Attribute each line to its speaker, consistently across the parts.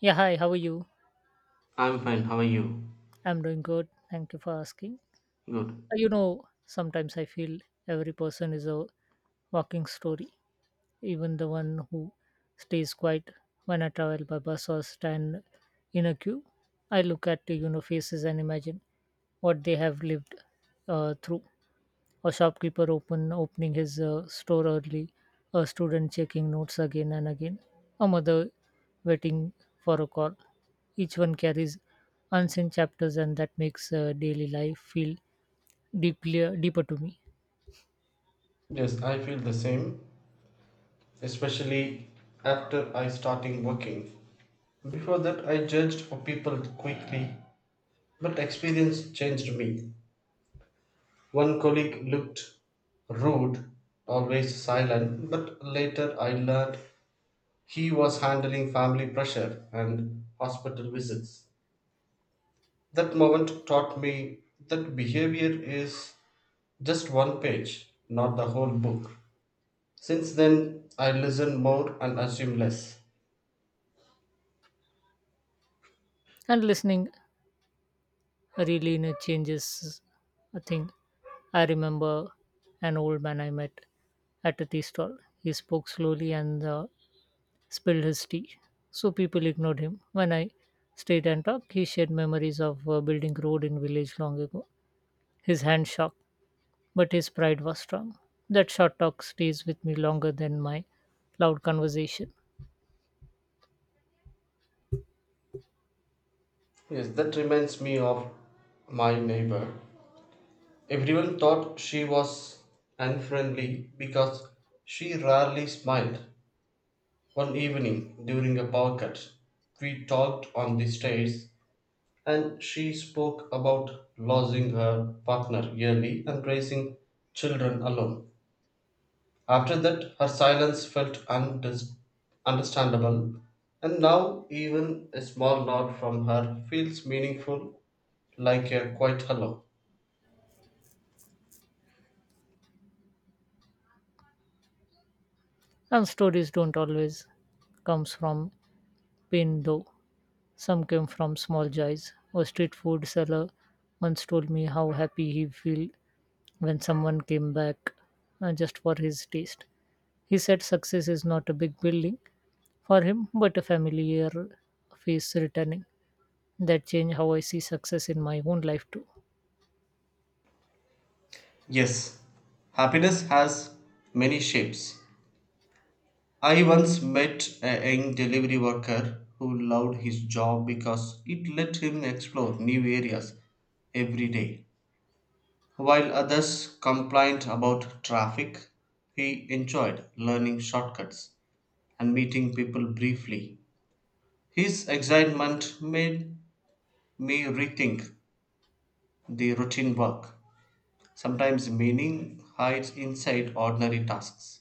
Speaker 1: Yeah, hi, how are you?
Speaker 2: I'm fine. How are you?
Speaker 1: I'm doing good. Thank you for asking.
Speaker 2: Good.
Speaker 1: Sometimes I feel every person is a walking story, even the one who stays quiet when I travel by bus or stand in a queue. I look at faces and imagine what they have lived through. A shopkeeper opening his store early, a student checking notes again and again, a mother waiting for a call. Each one carries unseen chapters, and that makes daily life feel deeply deeper to me.
Speaker 2: Yes, I feel the same, especially after I starting working. Before that, I judged for people quickly, but experience changed me. One colleague looked rude, always silent, but later I learned he was handling family pressure and hospital visits. That moment taught me that behavior is just one page, not the whole book. Since then, I listen more and assume less.
Speaker 1: And listening really changes a thing. I remember an old man I met at a tea stall. He spoke slowly, and the spilled his tea, so people ignored him. When I stayed and talked, he shared memories of building road in village long ago. His hand shook, but his pride was strong. That short talk stays with me longer than my loud conversation.
Speaker 2: Yes, that reminds me of my neighbor. Everyone thought she was unfriendly because she rarely smiled. One evening during a power cut, we talked on the stairs and she spoke about losing her partner yearly and raising children alone. After that, her silence felt understandable, and now even a small nod from her feels meaningful, like a quiet hello.
Speaker 1: And stories don't always comes from pain though. Some came from small joys. A street food seller once told me how happy he felt when someone came back just for his taste. He said success is not a big building, for him, but a familiar face returning. That changed how I see success in my own life too.
Speaker 2: Yes, happiness has many shapes. I once met a young delivery worker who loved his job because it let him explore new areas every day. While others complained about traffic, he enjoyed learning shortcuts and meeting people briefly. His excitement made me rethink the routine work. Sometimes meaning hides inside ordinary tasks.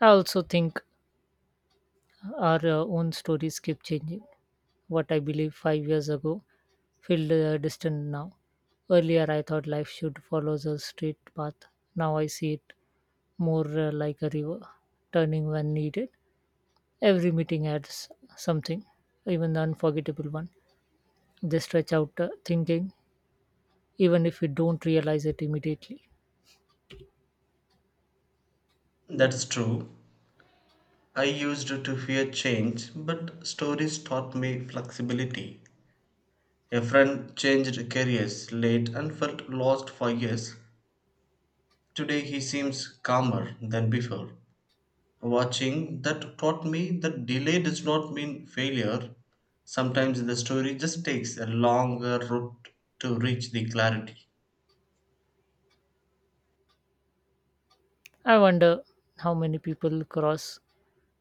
Speaker 1: I also think our own stories keep changing. What I believe 5 years ago feel distant now. Earlier, I thought life should follow the straight path. Now I see it more like a river, turning when needed. Every meeting adds something, even the unforgettable one. They stretch out thinking, even if we don't realize it immediately.
Speaker 2: That's true. I used to fear change, but stories taught me flexibility. A friend changed careers late and felt lost for years. Today he seems calmer than before. Watching that taught me that delay does not mean failure. Sometimes the story just takes a longer route to reach the clarity.
Speaker 1: I wonder how many people cross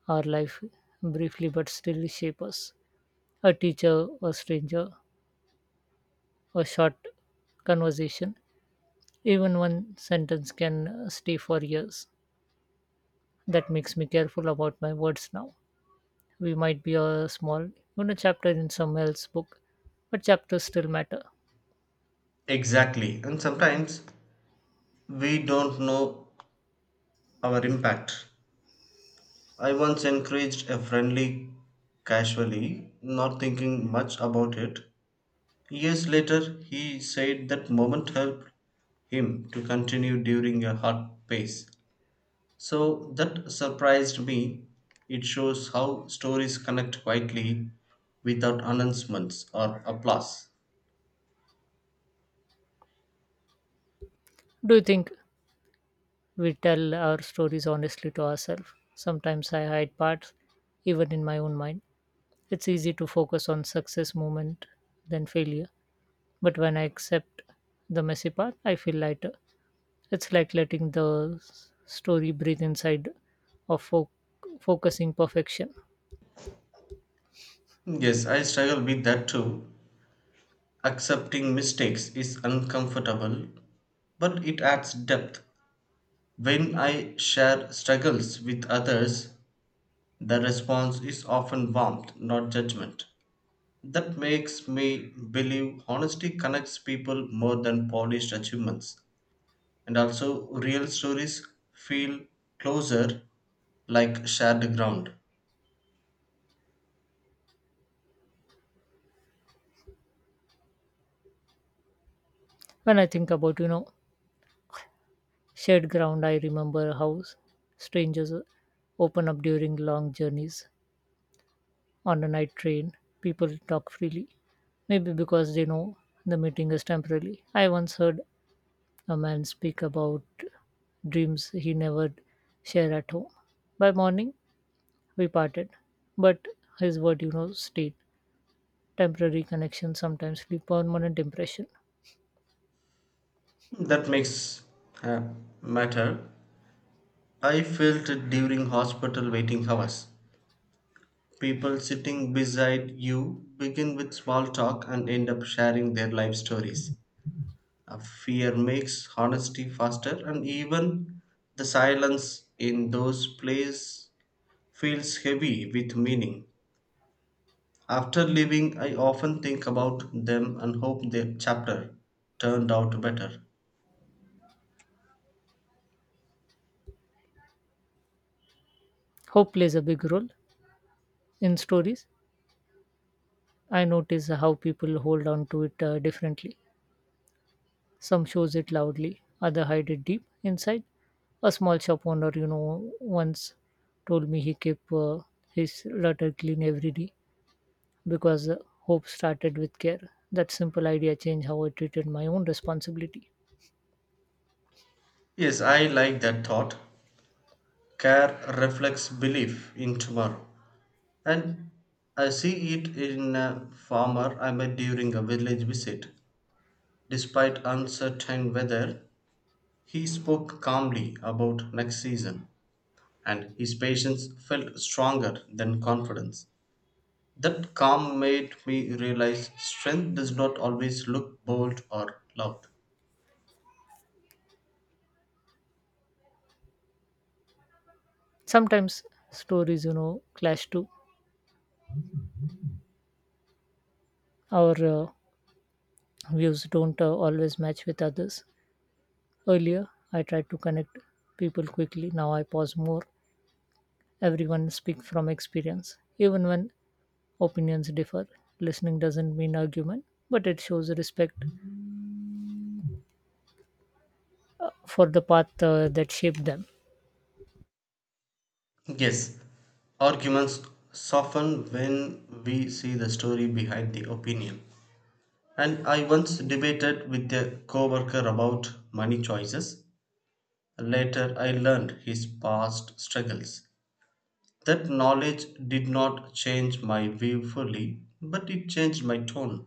Speaker 1: our life briefly but still shape us. A teacher, a stranger, a short conversation, even one sentence can stay for years. That makes me careful about my words now. We might be a small chapter in someone else's book, but chapters still matter.
Speaker 2: Exactly. And sometimes we don't know our impact. I once encouraged a friendly casually, not thinking much about it. Years later, he said that moment helped him to continue during a hard pace. So that surprised me. It shows how stories connect quietly without announcements or applause.
Speaker 1: Do you think we tell our stories honestly to ourselves? Sometimes I hide parts, even in my own mind. It's easy to focus on success moment than failure. But when I accept the messy part, I feel lighter. It's like letting the story breathe inside of focusing perfection.
Speaker 2: Yes, I struggle with that too. Accepting mistakes is uncomfortable, but it adds depth. When I share struggles with others, the response is often warmth, not judgment. That makes me believe honesty connects people more than polished achievements. And also real stories feel closer, like shared ground
Speaker 1: When I think about shared ground, I remember how strangers open up during long journeys on a night train. People talk freely, maybe because they know the meeting is temporary. I once heard a man speak about dreams he never shared at home. By morning, we parted. But his word stayed. Temporary connections sometimes leave permanent impression.
Speaker 2: that makes uh, matter. I felt it during hospital waiting hours. People sitting beside you begin with small talk and end up sharing their life stories. Uh, Fear makes honesty faster, and even the silence in those places feels heavy with meaning. After leaving, I often think about them and hope the chapter turned out better.
Speaker 1: Hope plays a big role in stories. I notice how people hold on to it differently. Some shows it loudly, other hide it deep inside. A small shop owner once told me he kept his litter clean every day because hope started with care. That simple idea changed how I treated my own responsibility.
Speaker 2: Yes, I like that thought. Care reflects belief in tomorrow. And I see it in a farmer I met during a village visit. Despite uncertain weather, he spoke calmly about next season, and his patience felt stronger than confidence. That calm made me realize strength does not always look bold or loud.
Speaker 1: Sometimes stories clash too. Our uh, views don't always match with others. Earlier, I tried to connect people quickly. Now I pause more. Everyone speak from experience. Even when opinions differ, listening doesn't mean argument, but it shows respect for the path that shaped them.
Speaker 2: Yes, arguments soften when we see the story behind the opinion. And I once debated with a coworker about money choices. Later, I learned his past struggles. That knowledge did not change my view fully, but it changed my tone.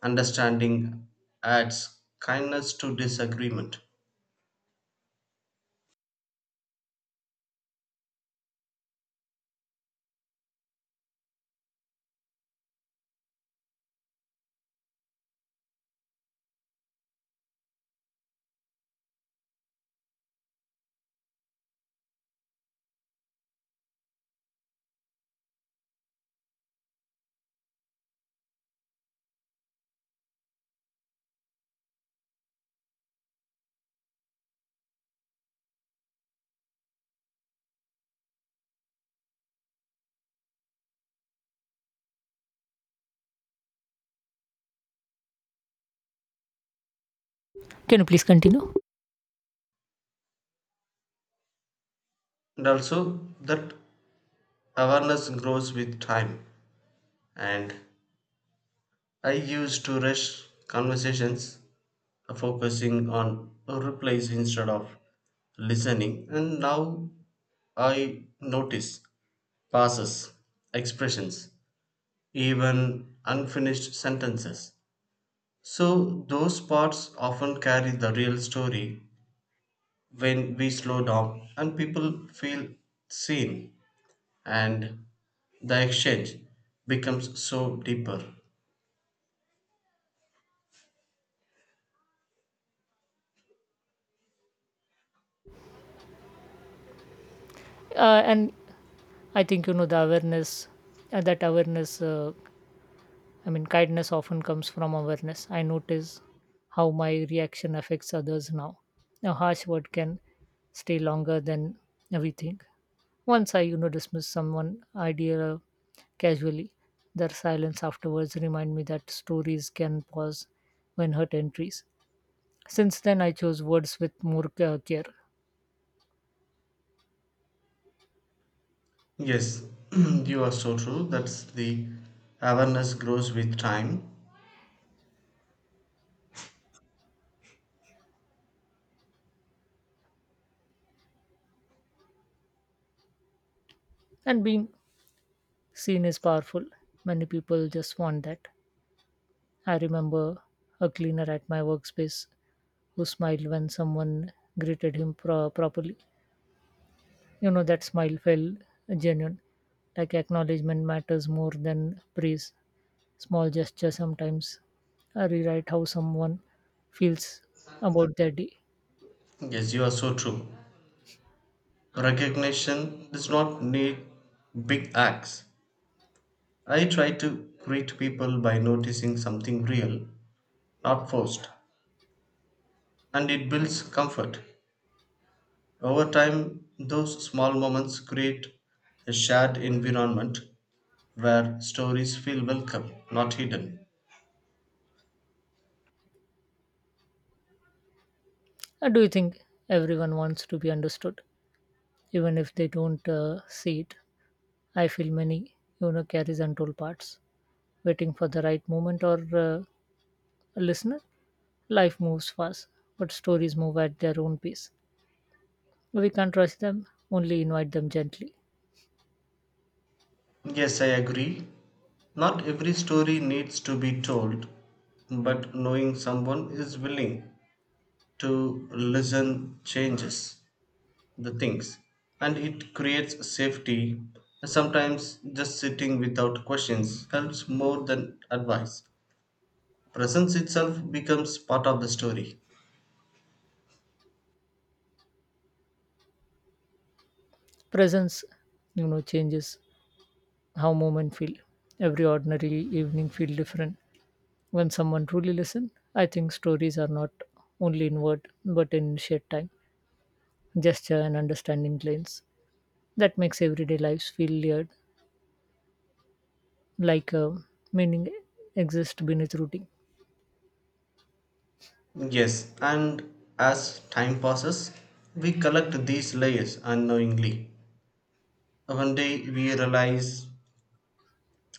Speaker 2: Understanding adds kindness to disagreement.
Speaker 1: Can you please continue?
Speaker 2: And also, that awareness grows with time. And I used to rush conversations, focusing on replies instead of listening, and now I notice pauses, expressions, even unfinished sentences. So, those parts often carry the real story. When we slow down and people feel seen, and the exchange becomes so deeper.
Speaker 1: And I think the that awareness, I mean, kindness often comes from awareness. I notice how my reaction affects others now. A harsh word can stay longer than we think. Once I dismiss someone idea casually, their silence afterwards remind me that stories can pause when hurt entries. Since then, I chose words with more care.
Speaker 2: Yes, you are so true. That's the awareness grows with time.
Speaker 1: And being seen is powerful. Many people just want that. I remember a cleaner at my workspace who smiled when someone greeted him properly. That smile felt genuine, like acknowledgement matters more than praise. Small gestures sometimes rewrite how someone feels about their day.
Speaker 2: Yes, you are so true. Recognition does not need big acts. I try to greet people by noticing something real, not forced, and it builds comfort. Over time, those small moments create a shared environment where stories feel welcome, not hidden.
Speaker 1: Do you think everyone wants to be understood, even if they don't see it? I feel many carries untold parts, waiting for the right moment or a listener. Life moves fast, but stories move at their own pace. We can't rush them, only invite them gently.
Speaker 2: Yes, I agree. Not every story needs to be told, but knowing someone is willing to listen changes the things, and it creates safety. Sometimes just sitting without questions helps more than advice. Presence itself becomes part of the story.
Speaker 1: Presence changes how moment feel. Every ordinary evening feel different when someone truly listens. I think stories are not only inward but in shared time, gesture, and understanding planes. That makes everyday lives feel layered, like meaning exists beneath routine.
Speaker 2: Yes, and as time passes, we collect these layers unknowingly. One day we realize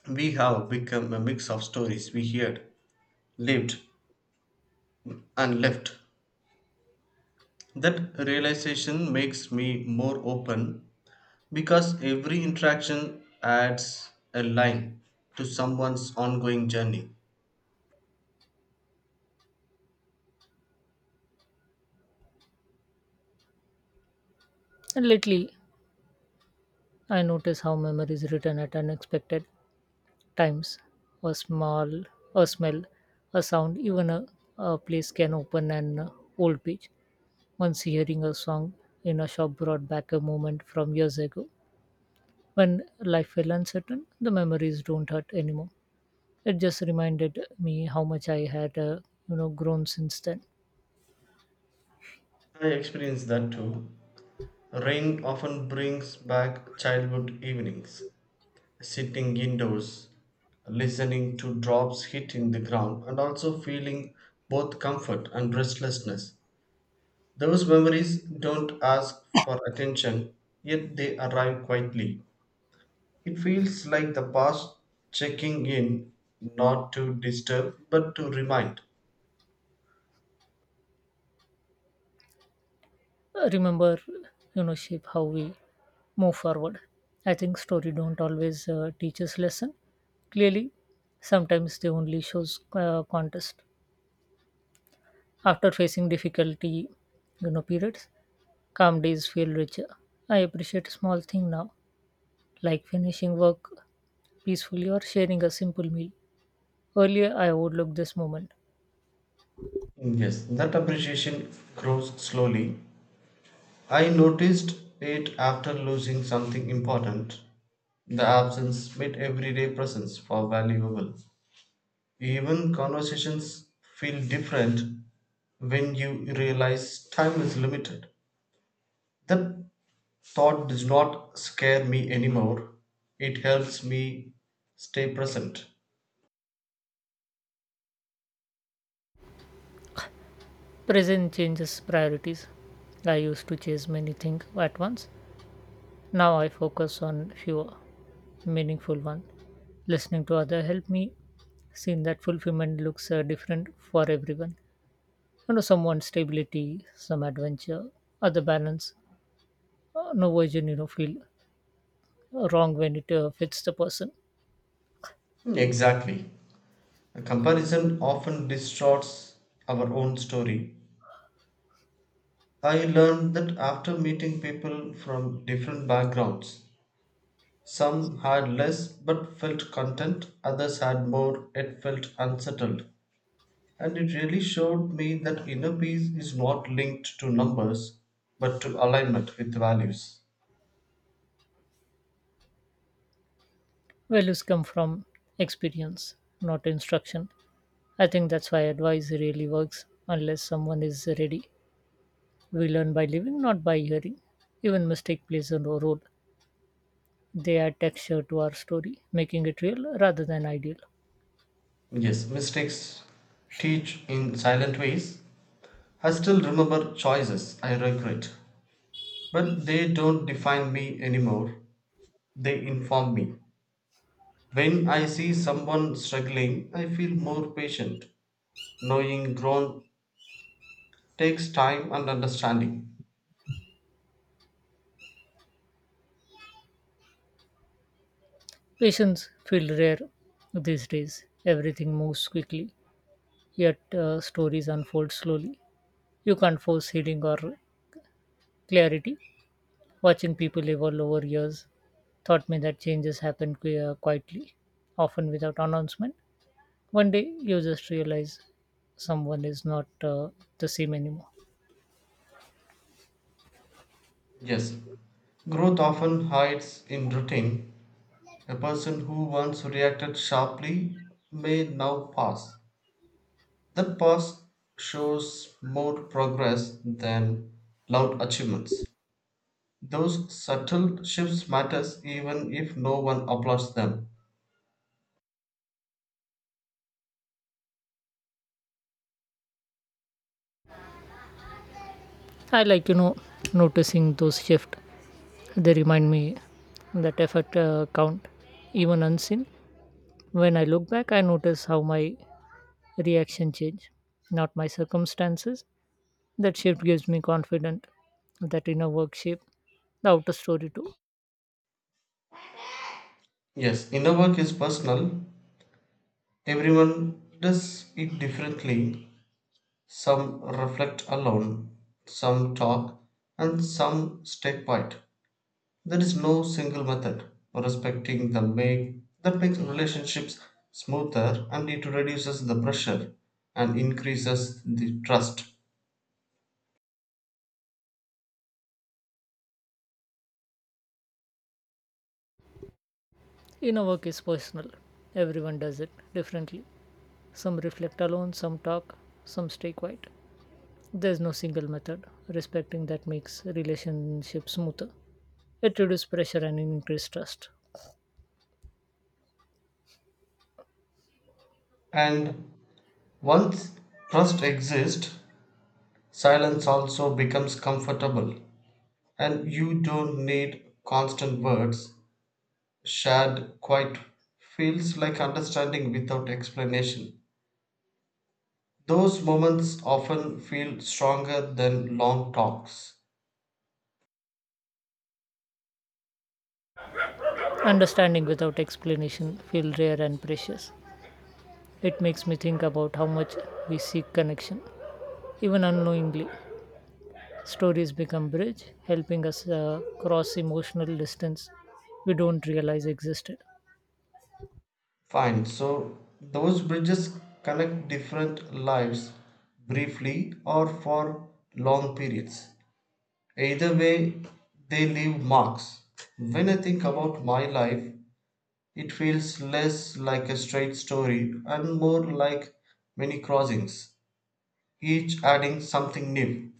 Speaker 2: we have become a mix of stories we heard, lived, and left. That realization makes me more open because every interaction adds a line to someone's ongoing journey.
Speaker 1: And lately, I notice how memory is written at unexpected times. A small, a smell, a sound, even a place can open an old page. Once hearing a song in a shop brought back a moment from years ago when life felt uncertain. The memories don't hurt anymore. It just reminded me how much I had, grown since then.
Speaker 2: I experienced that too. Rain often brings back childhood evenings, sitting indoors, listening to drops hitting the ground, and also feeling both comfort and restlessness. Those memories don't ask for attention, yet they arrive quietly. It feels like the past checking in, not to disturb, but to remind.
Speaker 1: Remember shape how we move forward. I think story don't always teach us lesson. Clearly, sometimes they only shows contest. After facing difficulty periods, calm days feel richer. I appreciate small thing now, like finishing work peacefully or sharing a simple meal. Earlier, I overlooked this moment.
Speaker 2: Yes, that appreciation grows slowly. I noticed it after losing something important. The absence made everyday presence for valuable. Even conversations feel different when you realize time is limited. That thought does not scare me anymore. It helps me stay present.
Speaker 1: Present changes priorities. I used to chase many things at once. Now I focus on fewer meaningful ones. Listening to other help me seeing that fulfillment looks different for everyone. Some stability, some adventure, other balance. No version feel wrong when it fits the person.
Speaker 2: Exactly. A comparison often distorts our own story. I learned that after meeting people from different backgrounds, some had less but felt content, others had more yet felt unsettled. And it really showed me that inner peace is not linked to numbers but to alignment with values.
Speaker 1: Values come from experience, not instruction. I think that's why advice really works unless someone is ready. We learn by living, not by hearing. Even mistake plays a role. They add texture to our story, making it real rather than ideal.
Speaker 2: Yes, mistakes teach in silent ways. I still remember choices I regret, but they don't define me anymore. They inform me. When I see someone struggling, I feel more patient. Knowing growth takes time and understanding.
Speaker 1: Patients feel rare these days. Everything moves quickly, yet stories unfold slowly. You can't force healing or clarity. Watching people evolve over years taught me that changes happen quietly, often without announcement. One day, you just realize someone is not the same anymore.
Speaker 2: Yes, growth often hides in routine. A person who once reacted sharply may now pause. The past shows more progress than loud achievements. Those subtle shifts matters even if no one applauds them.
Speaker 1: I like noticing those shifts. They remind me that effort count even unseen. When I look back, I notice how my reaction changed, not my circumstances. That shift gives me confidence that inner work shape the outer story too.
Speaker 2: Yes, inner work is personal. Everyone does it differently. Some reflect alone, some talk, and some stay quiet. There is no single method. Respecting the make that makes relationships smoother, and it reduces the pressure and increases the trust.
Speaker 1: Inner work is personal. Everyone does it differently. Some reflect alone, some talk, some stay quiet. There's no single method. Respecting that makes relationships smoother. It reduces pressure and increases trust.
Speaker 2: And once trust exists, silence also becomes comfortable, and you don't need constant words. Shared quiet feels like understanding without explanation. Those moments often feel stronger than long talks.
Speaker 1: Understanding without explanation feels rare and precious. It makes me think about how much we seek connection, even unknowingly. Stories become bridge, helping us cross emotional distance we don't realize existed.
Speaker 2: Fine, so those bridges connect different lives briefly or for long periods. Either way, they leave marks. When I think about my life, it feels less like a straight story and more like many crossings, each adding something new.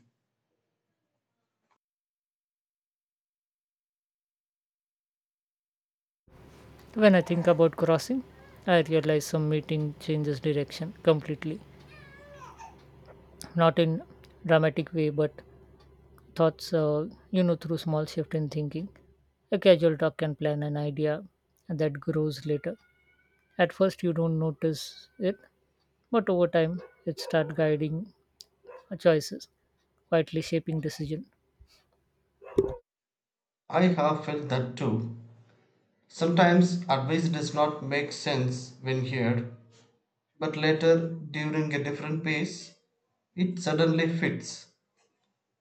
Speaker 1: When I think about crossing, I realize some meeting changes direction completely, not in dramatic way, but thoughts, through small shift in thinking. A casual talk can plan an idea that grows later. At first, you don't notice it, but over time it start guiding our choices, quietly shaping decision.
Speaker 2: I have felt that too. Sometimes advice does not make sense when heard, but later, during a different pace, it suddenly fits.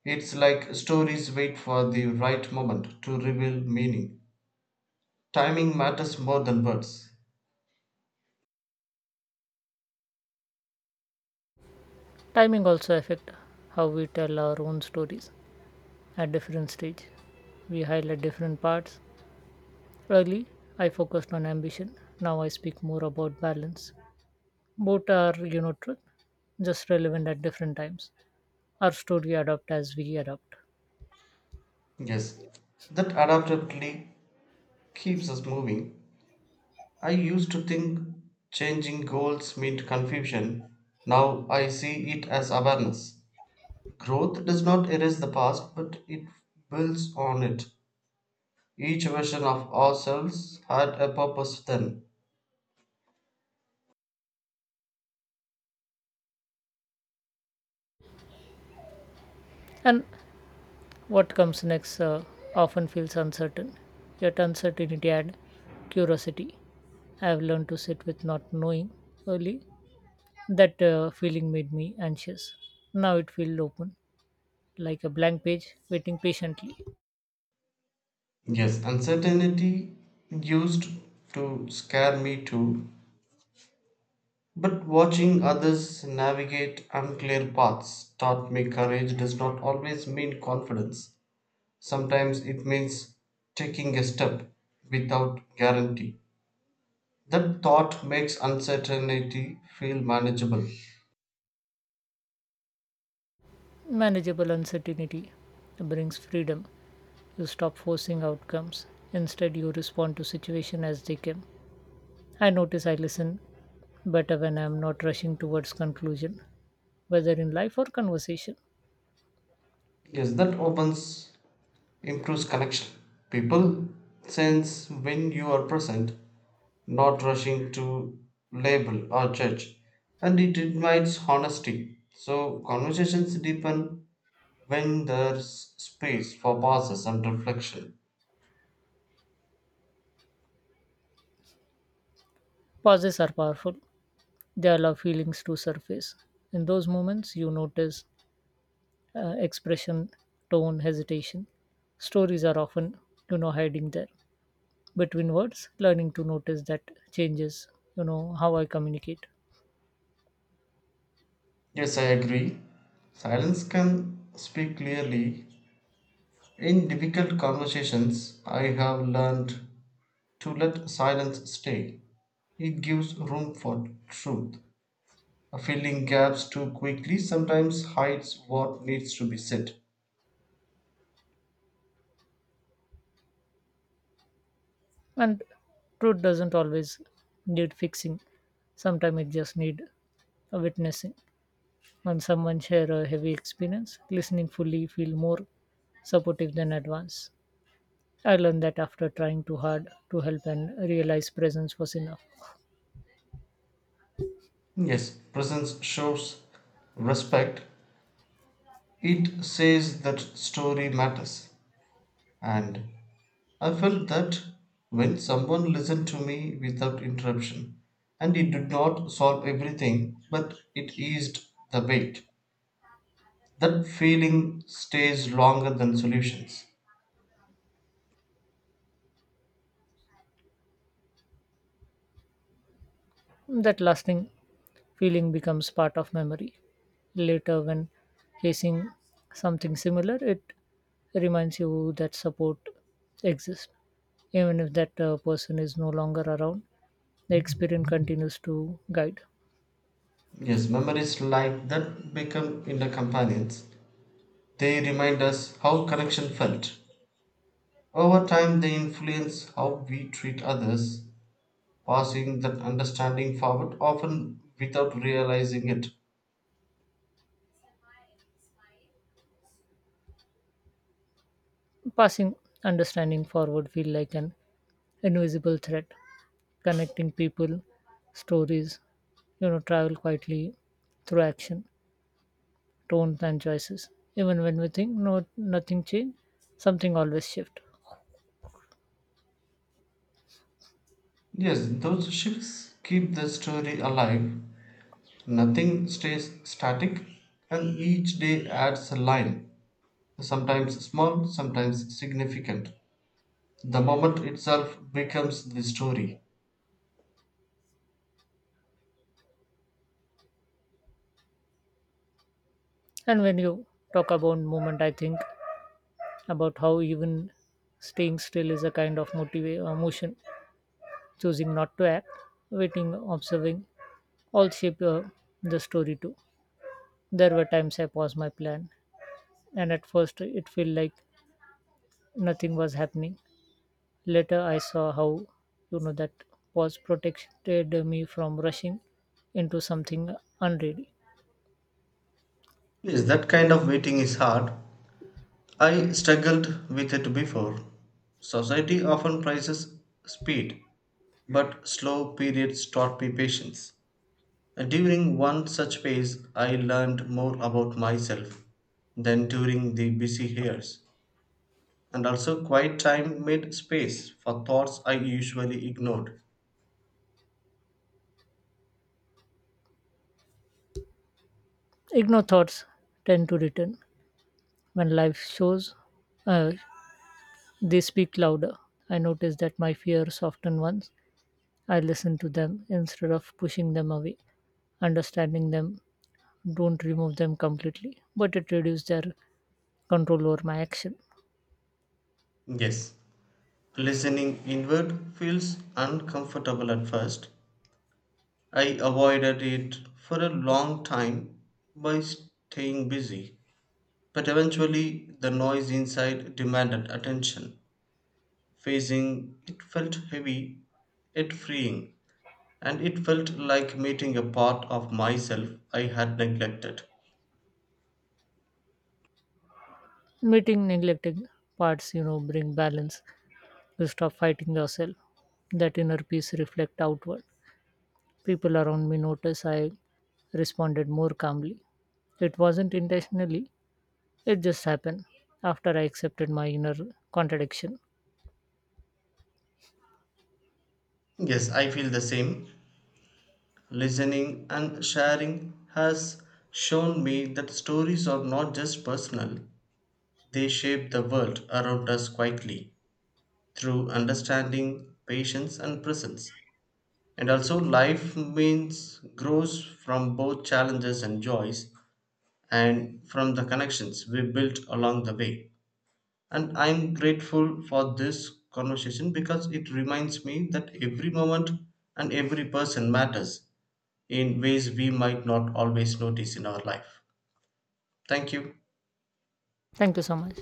Speaker 2: It's like stories wait for the right moment to reveal meaning. Timing matters more than words.
Speaker 1: Timing also affect how we tell our own stories at different stage. We highlight different parts. Early, I focused on ambition. Now I speak more about balance. Both are truth, just relevant at different times. Our story adapt as we adapt.
Speaker 2: Yes, that adaptability keeps us moving. I used to think changing goals meant confusion. Now I see it as awareness. Growth does not erase the past, but it builds on it. Each version of ourselves had a purpose then.
Speaker 1: And what comes next often feels uncertain. Yet uncertainty and curiosity. I have learned to sit with not knowing early. That feeling made me anxious. Now it feels open, like a blank page waiting patiently.
Speaker 2: Yes, uncertainty used to scare me too. But watching others navigate unclear paths taught me courage does not always mean confidence. Sometimes it means taking a step without guarantee. That thought makes uncertainty feel manageable.
Speaker 1: Manageable uncertainty brings freedom. You stop forcing outcomes. Instead, you respond to situation as they come. I notice I listen better when I'm not rushing towards conclusion, whether in life or conversation.
Speaker 2: Yes, that opens, improves connection. People sense when you are present, not rushing to label or judge, and it invites honesty. So, conversations deepen when there's space for pauses and reflection.
Speaker 1: Pauses are powerful. They allow feelings to surface. In those moments, you notice expression, tone, hesitation. Stories are often hiding there between words, learning to notice that changes how I communicate.
Speaker 2: Yes, I agree. Silence can speak clearly. In difficult conversations, I have learned to let silence stay. It gives room for truth. Filling gaps too quickly sometimes hides what needs to be said.
Speaker 1: And truth doesn't always need fixing. Sometimes it just need a witnessing. When someone share a heavy experience, listening fully feel more supportive than advance. I learned that after trying too hard to help and realize presence was enough.
Speaker 2: Yes, presence shows respect. It says that story matters. And I felt that when someone listened to me without interruption, and it did not solve everything, but it eased the weight. That feeling stays longer than solutions.
Speaker 1: That lasting feeling becomes part of memory. Later, when facing something similar, it reminds you that support exists. Even if that person is no longer around, the experience continues to guide.
Speaker 2: Yes, memories like that become inner companions. They remind us how connection felt. Over time, they influence how we treat others, passing that understanding forward often without realizing it.
Speaker 1: Passing understanding forward feel like an invisible thread, connecting people, stories travel quietly through action, tones and choices. Even when we think nothing changed, something always shift.
Speaker 2: Yes, those shifts keep the story alive. Nothing stays static, and each day adds a line, sometimes small, sometimes significant. The moment itself becomes the story.
Speaker 1: And when you talk about movement, I think about how even staying still is a kind of motion, choosing not to act, waiting, observing, all shape the story too. There were times I paused my plan, and at first it felt like nothing was happening. Later, I saw how that pause protected me from rushing into something unready.
Speaker 2: Yes, that kind of waiting is hard. I struggled with it before. Society often prizes speed, but slow periods taught me patience. During one such phase, I learned more about myself than during the busy years. And also, quiet time made space for thoughts I usually ignored.
Speaker 1: Ignore thoughts tend to return when life shows uh, They speak louder. I notice that my fear soften once I listen to them instead of pushing them away. Understanding them don't remove them completely, but it reduces their control over my action.
Speaker 2: Yes, listening inward feels uncomfortable at first. I avoided it for a long time by staying busy, but eventually the noise inside demanded attention. Facing it felt heavy, yet freeing, and it felt like meeting a part of myself I had neglected.
Speaker 1: Meeting neglecting parts bring balance. You stop fighting yourself. That inner peace reflect outward. People around me notice I responded more calmly. It wasn't intentionally, it just happened after I accepted my inner contradiction.
Speaker 2: Yes, I feel the same. Listening and sharing has shown me that stories are not just personal, they shape the world around us quietly, through understanding, patience, and presence. And also, life means grows from both challenges and joys, and from the connections we built along the way. And I'm grateful for this conversation because it reminds me that every moment and every person matters in ways we might not always notice in our life. Thank you.
Speaker 1: Thank you so much.